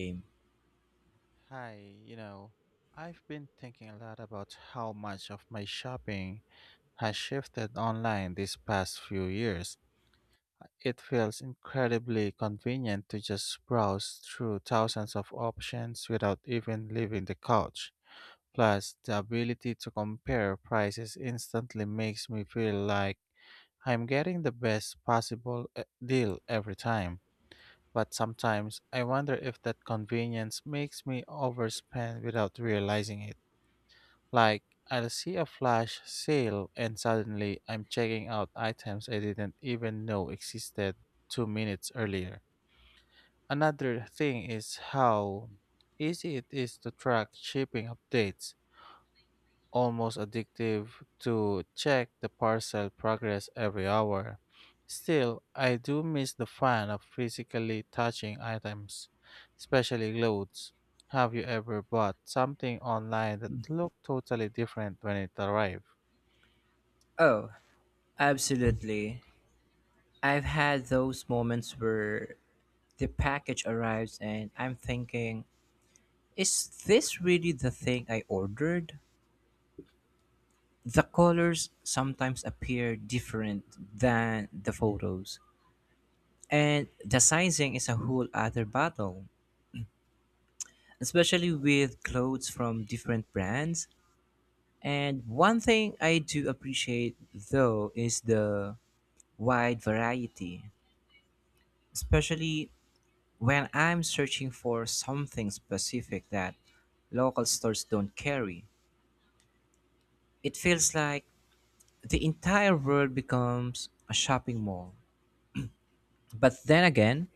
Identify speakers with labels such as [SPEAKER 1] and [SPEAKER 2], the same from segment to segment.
[SPEAKER 1] Game?
[SPEAKER 2] Hi, I've been thinking a lot about how much of my shopping has shifted online these past few years. It feels incredibly convenient to just browse through thousands of options without even leaving the couch. Plus, the ability to compare prices instantly makes me feel like I'm getting the best possible deal every time. But sometimes I wonder if that convenience makes me overspend without realizing it. Like, I'll see a flash sale and suddenly I'm checking out items I didn't even know existed 2 minutes earlier. Another thing is how easy it is to track shipping updates, almost addictive to check the parcel progress every hour. Still, I do miss the fun of physically touching items, especially clothes. Have you ever bought something online that looked totally different when it arrived?
[SPEAKER 1] Oh, absolutely. I've had those moments where the package arrives and I'm thinking, is this really the thing I ordered? The colors sometimes appear different than the photos. And the sizing is a whole other battle, especially with clothes from different brands. And one thing I do appreciate though is the wide variety, especially when I'm searching for something specific that local stores don't carry. It feels like the entire world becomes a shopping mall. But then again,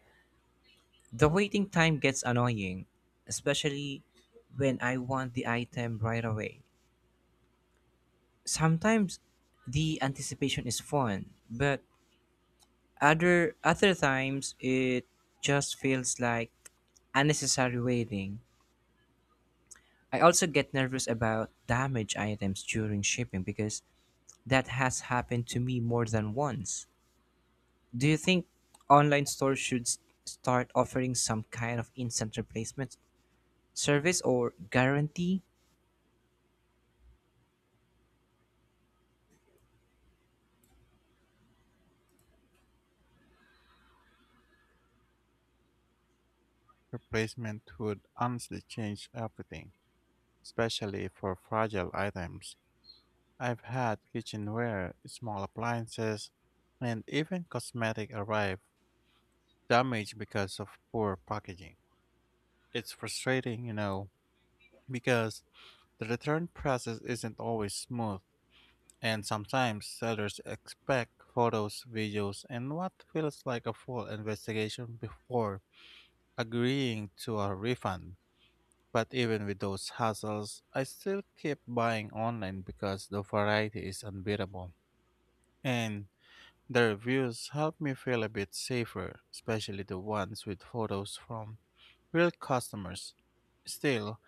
[SPEAKER 1] the waiting time gets annoying, especially when I want the item right away. Sometimes the anticipation is fun, but other times it just feels like unnecessary waiting. I also get nervous about damaged items during shipping because that has happened to me more than once. Do you think online stores should start offering some kind of instant replacement service or guarantee?
[SPEAKER 2] Replacement would honestly change everything, especially for fragile items. I've had kitchenware, small appliances, and even cosmetic arrive damaged because of poor packaging. It's frustrating, because the return process isn't always smooth, and sometimes sellers expect photos, videos, and what feels like a full investigation before agreeing to a refund. But even with those hassles, I still keep buying online because the variety is unbeatable. And the reviews help me feel a bit safer, especially the ones with photos from real customers. Still,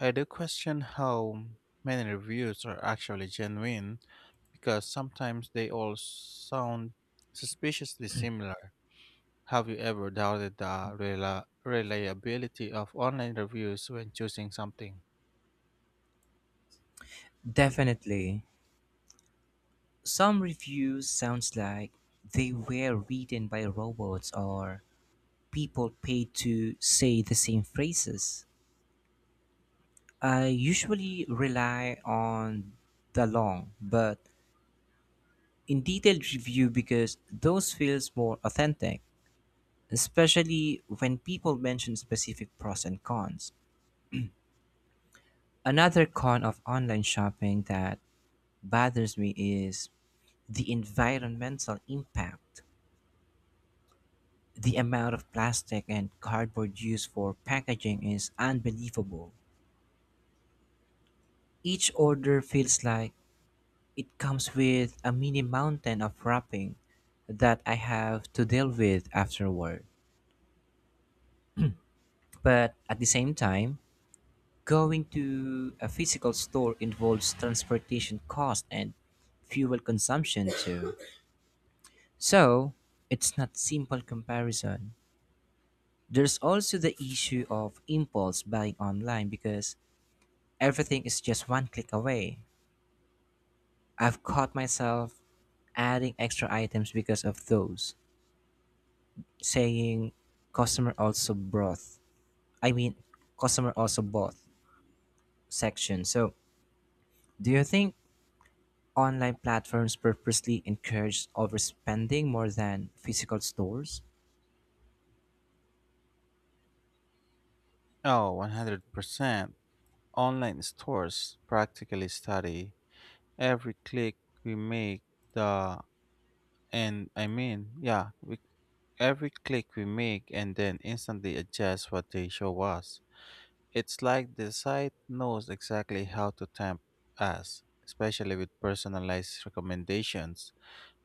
[SPEAKER 2] I do question how many reviews are actually genuine because sometimes they all sound suspiciously similar. Have you ever doubted the reliability of online reviews when choosing something?
[SPEAKER 1] Definitely. Some reviews sounds like they were written by robots or people paid to say the same phrases. I usually rely on the long but in detailed review because those feels more authentic, especially when people mention specific pros and cons. Another con of online shopping that bothers me is the environmental impact. The amount of plastic and cardboard used for packaging is unbelievable. Each order feels like it comes with a mini mountain of wrapping that I have to deal with afterward. But at the same time, going to a physical store involves transportation cost and fuel consumption too. So, it's not simple comparison. There's also the issue of impulse buying online because everything is just one click away. I've caught myself adding extra items because of those, saying customer also brought. I mean, customer also bought section. So, do you think online platforms purposely encourage overspending more than physical stores?
[SPEAKER 2] Oh, 100%. Online stores practically study every click we make, the and I mean, yeah, we, every click we make and then instantly adjust what they show us. It's like the site knows exactly how to tempt us, especially with personalized recommendations.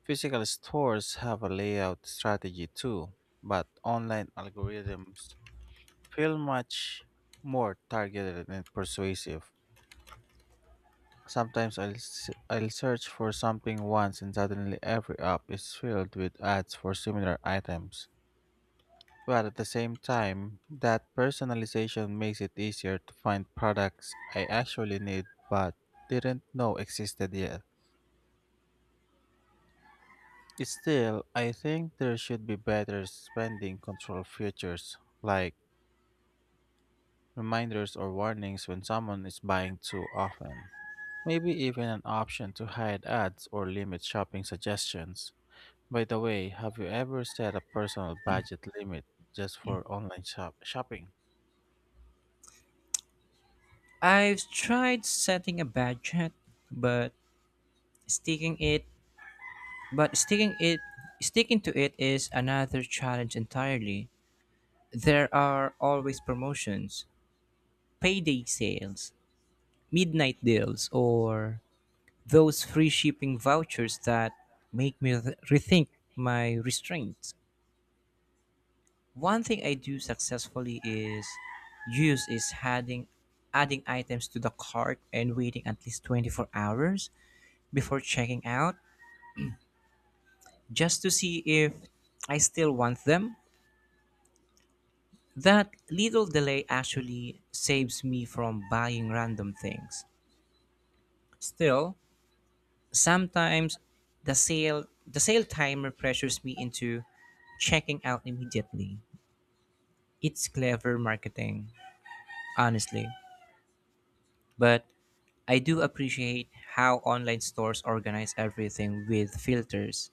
[SPEAKER 2] Physical stores have a layout strategy too, but online algorithms feel much more targeted and persuasive. Sometimes I'll search for something once and suddenly every app is filled with ads for similar items. But at the same time, that personalization makes it easier to find products I actually need but didn't know existed yet. Still, I think there should be better spending control features like reminders or warnings when someone is buying too often. Maybe even an option to hide ads or limit shopping suggestions. By the way, have you ever set a personal budget limit just for online shopping?
[SPEAKER 1] I've tried setting a budget, but sticking it sticking it sticking to it is another challenge entirely. There are always promotions, payday sales, midnight deals, or those free shipping vouchers that make me rethink my restraints. One thing I do successfully is use is adding adding items to the cart and waiting at least 24 hours before checking out just to see if I still want them. That little delay actually saves me from buying random things. Still, sometimes the sale timer pressures me into checking out immediately. It's clever marketing, honestly, but I do appreciate how online stores organize everything with filters.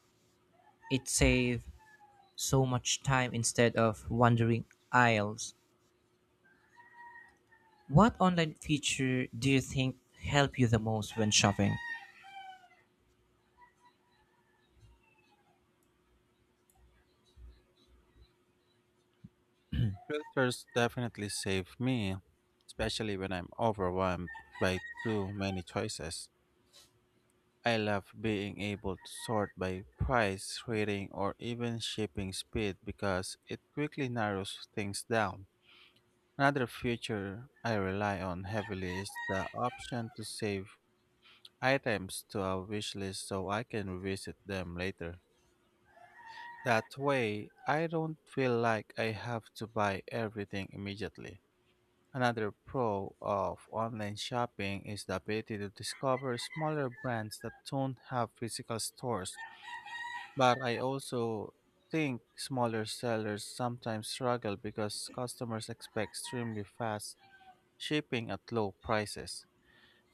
[SPEAKER 1] It saves so much time instead of wandering aisles. What online feature do you think help you the most when shopping?
[SPEAKER 2] Filters definitely save me, especially when I'm overwhelmed by too many choices. I love being able to sort by price, rating, or even shipping speed because it quickly narrows things down. Another feature I rely on heavily is the option to save items to a wish list so I can revisit them later. That way, I don't feel like I have to buy everything immediately. Another pro of online shopping is the ability to discover smaller brands that don't have physical stores. But I also think smaller sellers sometimes struggle because customers expect extremely fast shipping at low prices.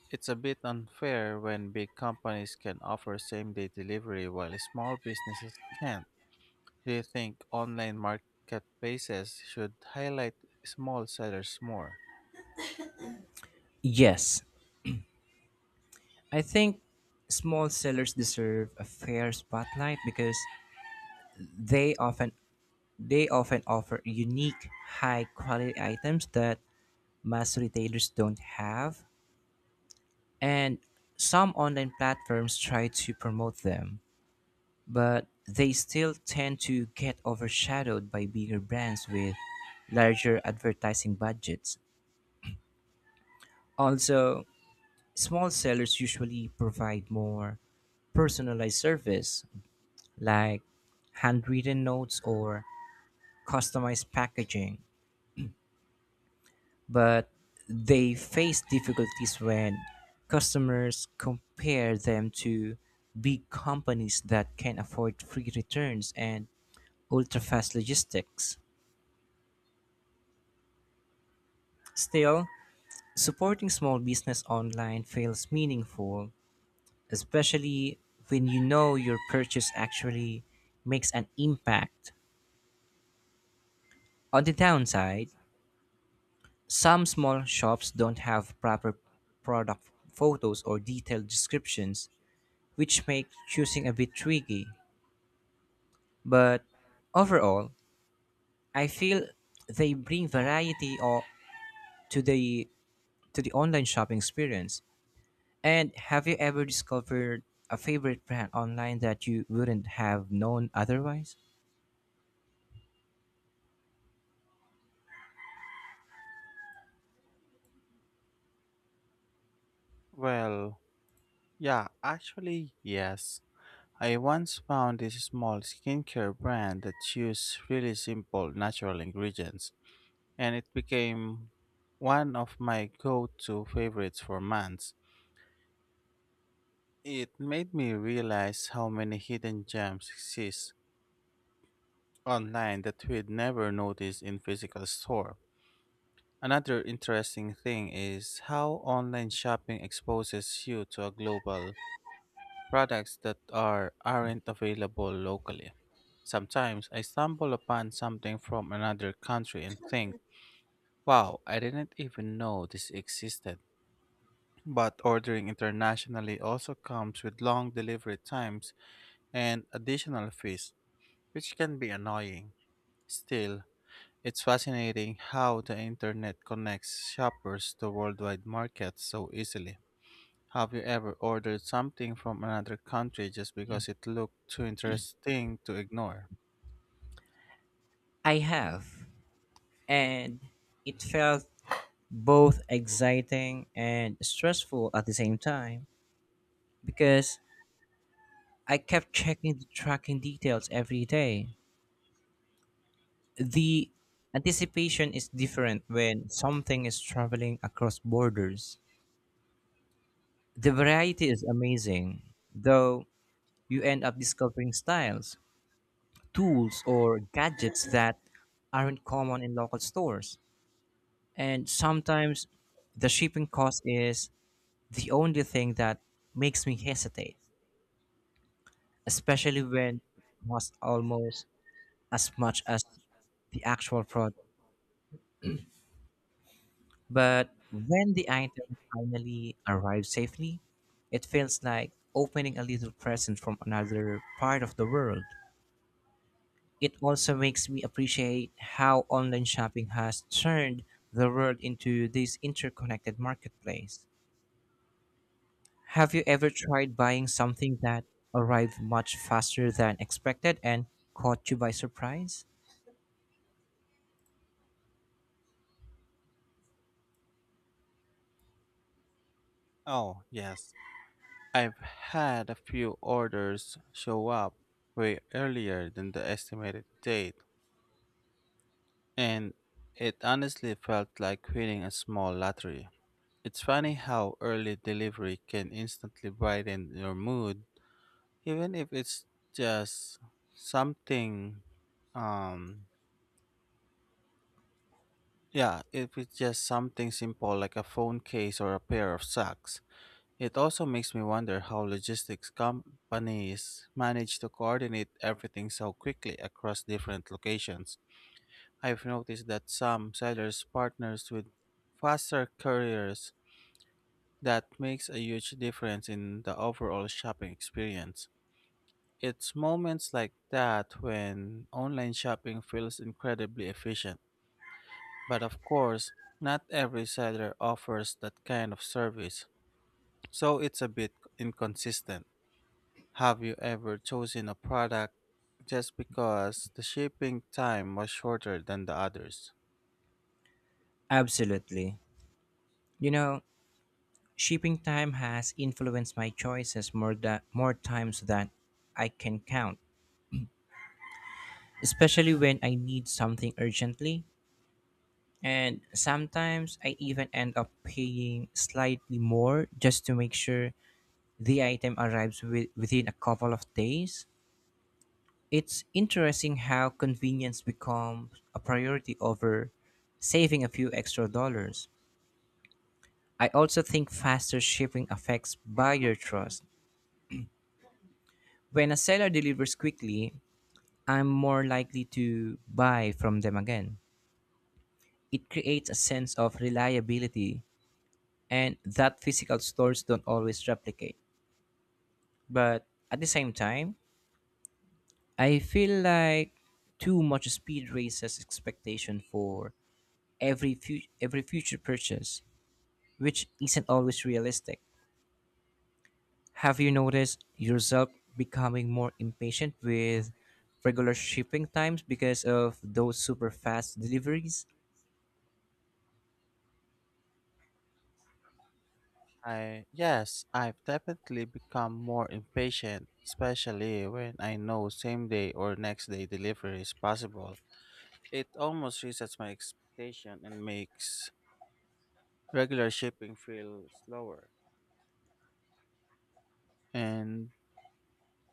[SPEAKER 2] It's a bit unfair when big companies can offer same day delivery while small businesses can't. Do you think online marketplaces should highlight small sellers more?
[SPEAKER 1] Yes, I think small sellers deserve a fair spotlight because they often they often offer unique high quality items that mass retailers don't have, and some online platforms try to promote them but they still tend to get overshadowed by bigger brands with larger advertising budgets. Also, small sellers usually provide more personalized service like handwritten notes or customized packaging, but they face difficulties when customers compare them to big companies that can afford free returns and ultra fast logistics. Still, supporting small business online feels meaningful, especially when you know your purchase actually makes an impact. On the downside, some small shops don't have proper product photos or detailed descriptions, which make choosing a bit tricky. But overall, I feel they bring variety or to the to the online shopping experience. And have you ever discovered a favorite brand online that you wouldn't have known otherwise?
[SPEAKER 2] Well, yes. I once found this small skincare brand that used really simple natural ingredients, and it became one of my go to favorites for months. It made me realize how many hidden gems exist online that we'd never notice in physical store. Another interesting thing is how online shopping exposes you to a global products that aren't available locally. Sometimes I stumble upon something from another country and think, wow, I didn't even know this existed. But ordering internationally also comes with long delivery times and additional fees, which can be annoying. Still, it's fascinating how the internet connects shoppers to worldwide markets so easily. Have you ever ordered something from another country just because it looked too interesting to ignore?
[SPEAKER 1] I have, and it felt both exciting and stressful at the same time because I kept checking the tracking details every day. The anticipation is different when something is traveling across borders. The variety is amazing, though you end up discovering styles, tools, or gadgets that aren't common in local stores. And sometimes the shipping cost is the only thing that makes me hesitate, especially when it costs almost as much as the actual product. But when the item finally arrives safely, it feels like opening a little present from another part of the world. It also makes me appreciate how online shopping has turned the world into this interconnected marketplace. Have you ever tried buying something that arrived much faster than expected and caught you by surprise?
[SPEAKER 2] Oh, yes. I've had a few orders show up way earlier than the estimated date, and it honestly felt like winning a small lottery. It's funny how early delivery can instantly brighten your mood, even if it's just something um yeah, if it's just something simple like a phone case or a pair of socks. It also makes me wonder how logistics companies manage to coordinate everything so quickly across different locations. I've noticed that some sellers partners with faster couriers that makes a huge difference in the overall shopping experience. It's moments like that when online shopping feels incredibly efficient. But of course, not every seller offers that kind of service, so it's a bit inconsistent. Have you ever chosen a product just because the shipping time was shorter than the others?
[SPEAKER 1] Absolutely. You know, shipping time has influenced my choices more than more times than I can count, especially when I need something urgently. And sometimes I even end up paying slightly more just to make sure the item arrives within a couple of days. It's interesting how convenience becomes a priority over saving a few extra dollars. I also think faster shipping affects buyer trust. When a seller delivers quickly, I'm more likely to buy from them again. It creates a sense of reliability and that physical stores don't always replicate. But at the same time, I feel like too much speed raises expectation for every future purchase, which isn't always realistic. Have you noticed yourself becoming more impatient with regular shipping times because of those super fast deliveries?
[SPEAKER 2] I yes, I've definitely become more impatient, especially when I know same day or next day delivery is possible. It almost resets my expectation and makes regular shipping feels slower. And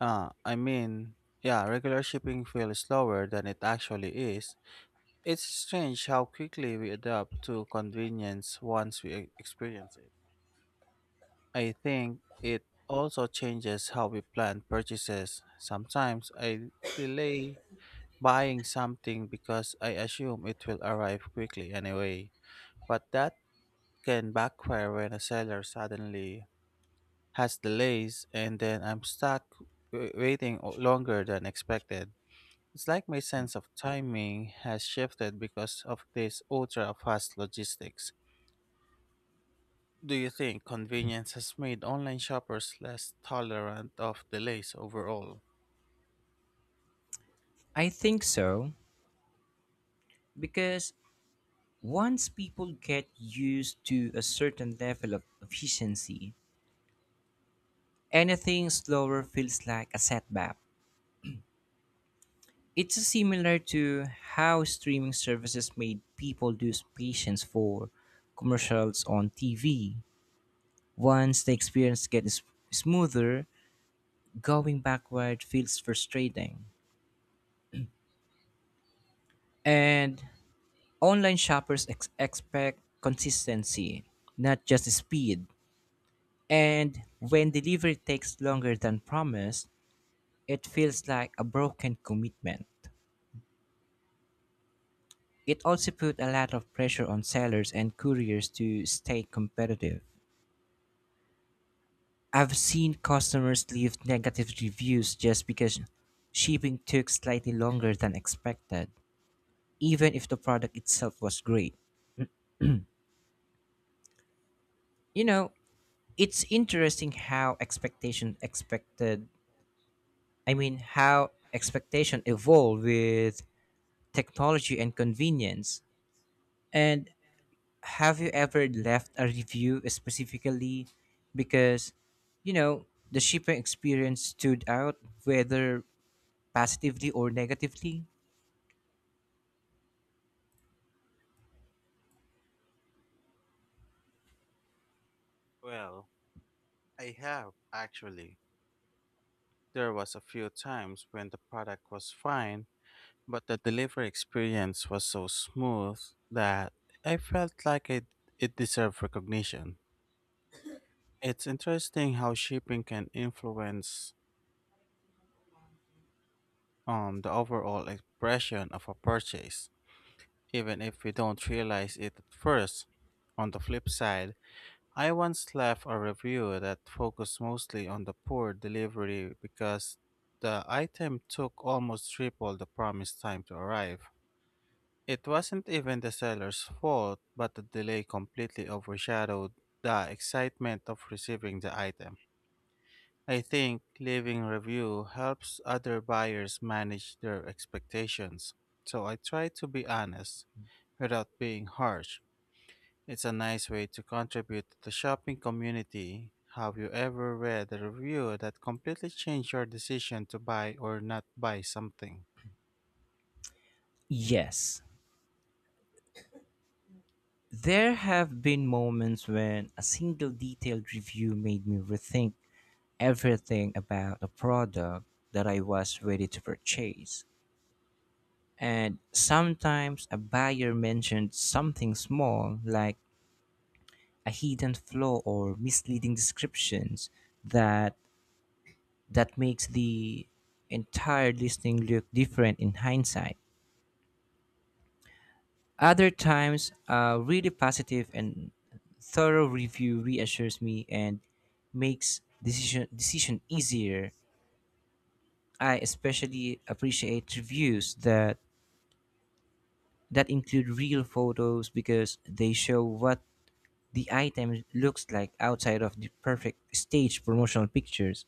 [SPEAKER 2] I mean, yeah, Regular shipping feels slower than it actually is. It's strange how quickly we adapt to convenience once we experience it. I think it also changes how we plan purchases. Sometimes I delay buying something because I assume it will arrive quickly anyway, but that can backfire when a seller suddenly has delays, and then I'm stuck waiting longer than expected. It's like my sense of timing has shifted because of this ultra fast logistics. Do you think convenience has made online shoppers less tolerant of delays overall?
[SPEAKER 1] I think so because once people get used to a certain level of efficiency, anything slower feels like a setback. It's similar to how streaming services made people lose patience for commercials on TV. Once the experience gets smoother, going backward feels frustrating. And online shoppers expect consistency, not just speed. And when delivery takes longer than promised, it feels like a broken commitment. It also put a lot of pressure on sellers and couriers to stay competitive. I've seen customers leave negative reviews just because shipping took slightly longer than expected, even if the product itself was great. You know, it's interesting how expectation expected, I mean, how expectation evolve with technology and convenience. And have you ever left a review specifically because you know the shipping experience stood out, whether positively or negatively?
[SPEAKER 2] Well, I have actually. There was a few times when the product was fine, but the delivery experience was so smooth that I felt like it deserved recognition. It's interesting how shipping can influence the overall expression of a purchase, even if we don't realize it at first. On the flip side, I once left a review that focused mostly on the poor delivery because the item took almost triple the promised time to arrive. It wasn't even the seller's fault, but the delay completely overshadowed the excitement of receiving the item. I think leaving review helps other buyers manage their expectations. So I try to be honest without being harsh. It's a nice way to contribute to the shopping community. Have you ever read a review that completely changed your decision to buy or not buy something?
[SPEAKER 1] Yes, there have been moments when a single detailed review made me rethink everything about a product that I was ready to purchase. And sometimes a buyer mentioned something small like a hidden flaw or misleading descriptions that that makes the entire listening look different in hindsight. Other times, a really positive and thorough review reassures me and makes decision easier. I especially appreciate reviews that include real photos because they show what the item looks like outside of the perfect staged promotional pictures.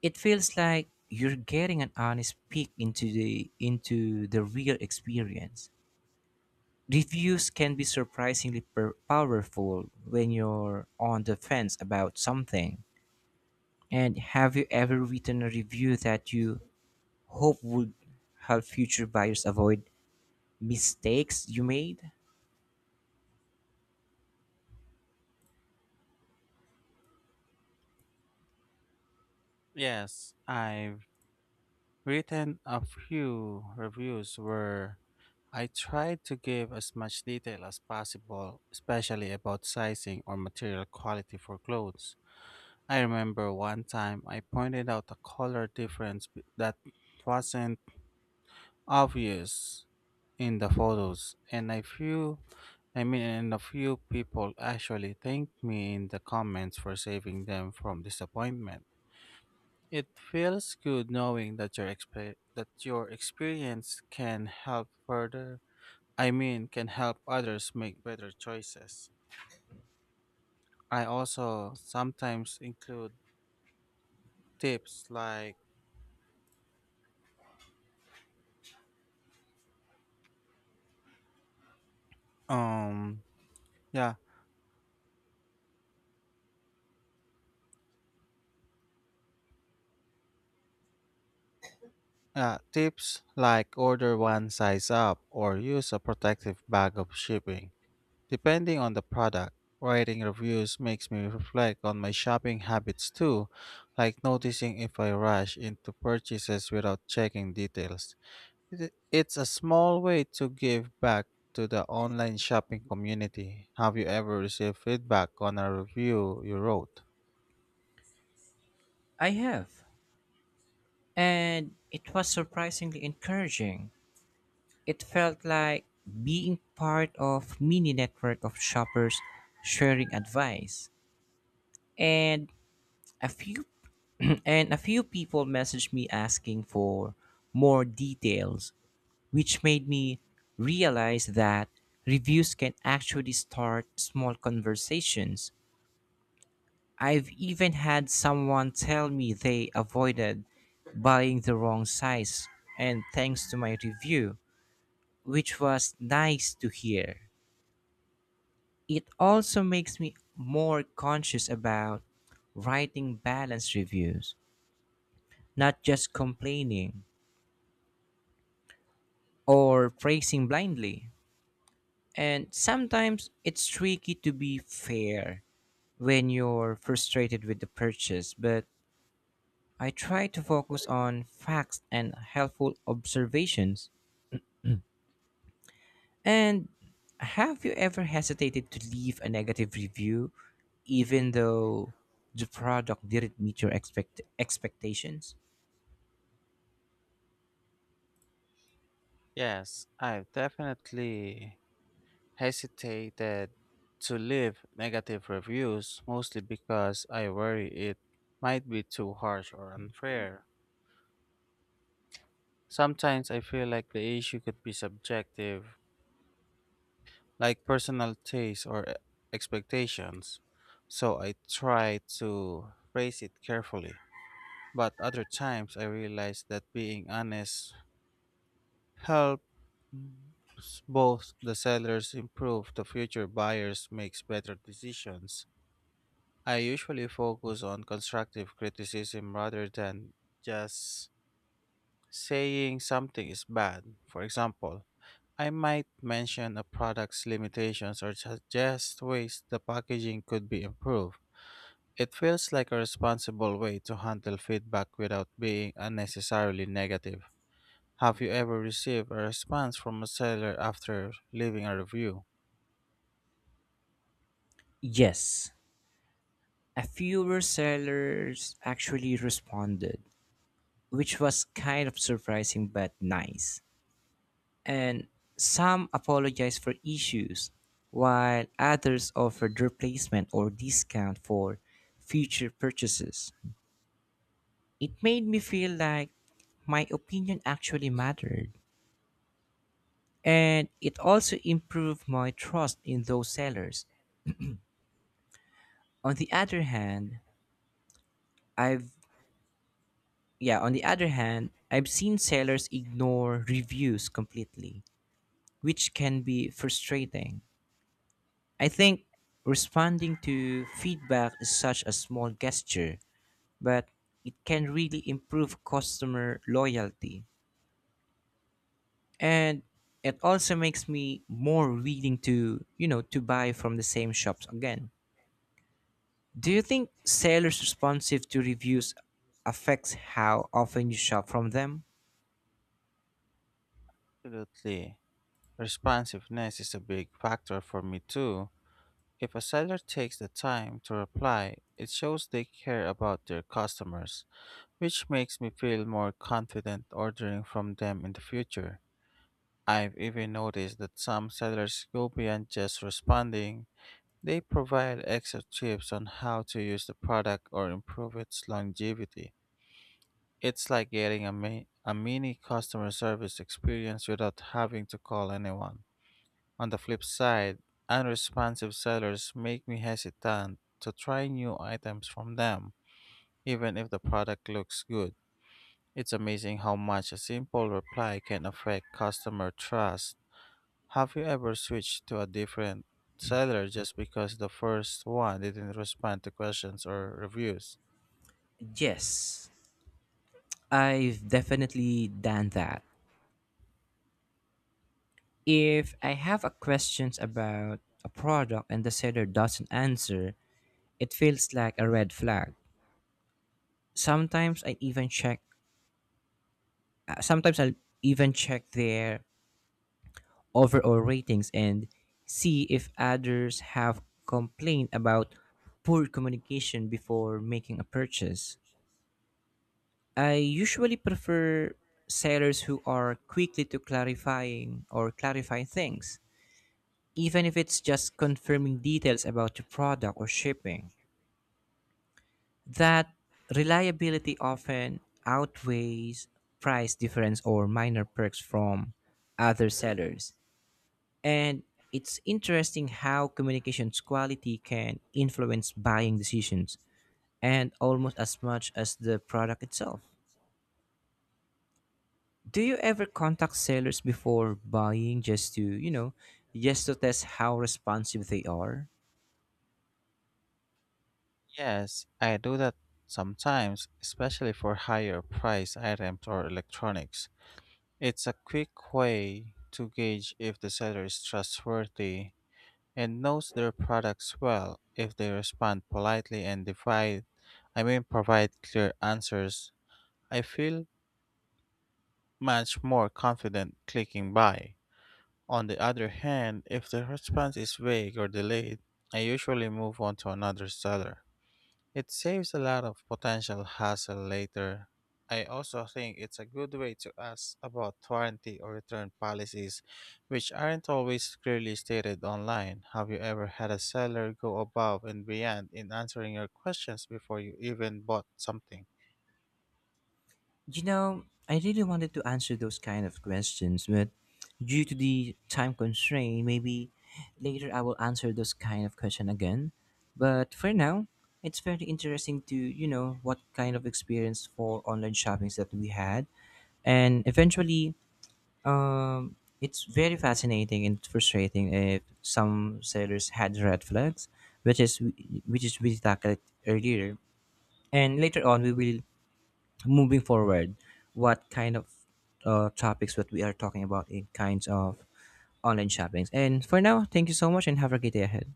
[SPEAKER 1] It feels like you're getting an honest peek into the real experience. Reviews can be surprisingly powerful when you're on the fence about something. And have you ever written a review that you hope would help future buyers avoid mistakes you made?
[SPEAKER 2] Yes, I've written a few reviews where I tried to give as much detail as possible, especially about sizing or material quality for clothes. I remember one time I pointed out a color difference that wasn't obvious in the photos, and a few people actually thanked me in the comments for saving them from disappointment. It feels good knowing that your experience can help others make better choices. I also sometimes include tips like um yeah, yeah, tips like order one size up or use a protective bag of shipping. Depending on the product, writing reviews makes me reflect on my shopping habits too, like noticing if I rush into purchases without checking details. It's a small way to give back to the online shopping community. Have you ever received feedback on a review you wrote?
[SPEAKER 1] I have. And it was surprisingly encouraging. It felt like being part of mini network of shoppers sharing advice. And a few and a few people messaged me asking for more details, which made me realize that reviews can actually start small conversations. I've even had someone tell me they avoided buying the wrong size, and thanks to my review, which was nice to hear. It also makes me more conscious about writing balanced reviews, not just complaining or praising blindly. And sometimes it's tricky to be fair when you're frustrated with the purchase, but I try to focus on facts and helpful observations. And have you ever hesitated to leave a negative review even though the product didn't meet your expectations?
[SPEAKER 2] Yes, I've definitely hesitated to leave negative reviews mostly because I worry it might be too harsh or unfair. Sometimes I feel like the issue could be subjective, like personal taste or expectations, so I try to phrase it carefully. But other times I realize that being honest helps both the sellers improve the future buyers makes better decisions. I usually focus on constructive criticism rather than just saying something is bad. For example, I might mention a product's limitations or suggest ways the packaging could be improved. It feels like a responsible way to handle feedback without being unnecessarily negative. Have you ever received a response from a seller after leaving a review?
[SPEAKER 1] Yes, a few sellers actually responded, which was kind of surprising but nice. And some apologized for issues, while others offered replacement or discount for future purchases. It made me feel like my opinion actually mattered, and it also improved my trust in those sellers. On the other hand, I've yeah, on the other hand, I've seen sellers ignore reviews completely, which can be frustrating. I think responding to feedback is such a small gesture, but it can really improve customer loyalty. And it also makes me more willing to, you know, to buy from the same shops again. Do you think sellers responsive to reviews affects how often you shop from them?
[SPEAKER 2] Absolutely. Responsiveness is a big factor for me too. If a seller takes the time to reply, it shows they care about their customers, which makes me feel more confident ordering from them in the future. I've even noticed that some sellers go beyond just responding. They provide extra tips on how to use the product or improve its longevity. It's like getting a mini customer service experience without having to call anyone. On the flip side, unresponsive sellers make me hesitant to try new items from them, even if the product looks good. It's amazing how much a simple reply can affect customer trust. Have you ever switched to a different seller just because the first one didn't respond to questions or reviews?
[SPEAKER 1] Yes, I've definitely done that. If I have a questions about a product and the seller doesn't answer, it feels like a red flag. Sometimes I even check Sometimes I'll even check their overall ratings and see if others have complained about poor communication before making a purchase. I usually prefer sellers who are quickly to clarifying or clarify things, even if it's just confirming details about the product or shipping. That reliability often outweighs price difference or minor perks from other sellers. And it's interesting how communications quality can influence buying decisions and almost as much as the product itself. Do you ever contact sellers before buying just to test how responsive they are?
[SPEAKER 2] Yes, I do that sometimes, especially for higher price items or electronics. It's a quick way to gauge if the seller is trustworthy and knows their products well if they respond politely and divide I mean provide clear answers. I feel much more confident clicking buy. On the other hand, if the response is vague or delayed, I usually move on to another seller. It saves a lot of potential hassle later. I also think it's a good way to ask about warranty or return policies, which aren't always clearly stated online. Have you ever had a seller go above and beyond in answering your questions before you even bought something?
[SPEAKER 1] You know, I really wanted to answer those kind of questions, but due to the time constraint, maybe later I will answer those kind of question again. But for now, it's very interesting to, you know, what kind of experience for online shoppings that we had. And eventually, um, it's very fascinating and frustrating if some sellers had red flags, which is which is we tackled earlier. And later on, we will moving forward, what kind of topics what we are talking about in kinds of online shoppings. And for now, thank you so much and have a great day ahead.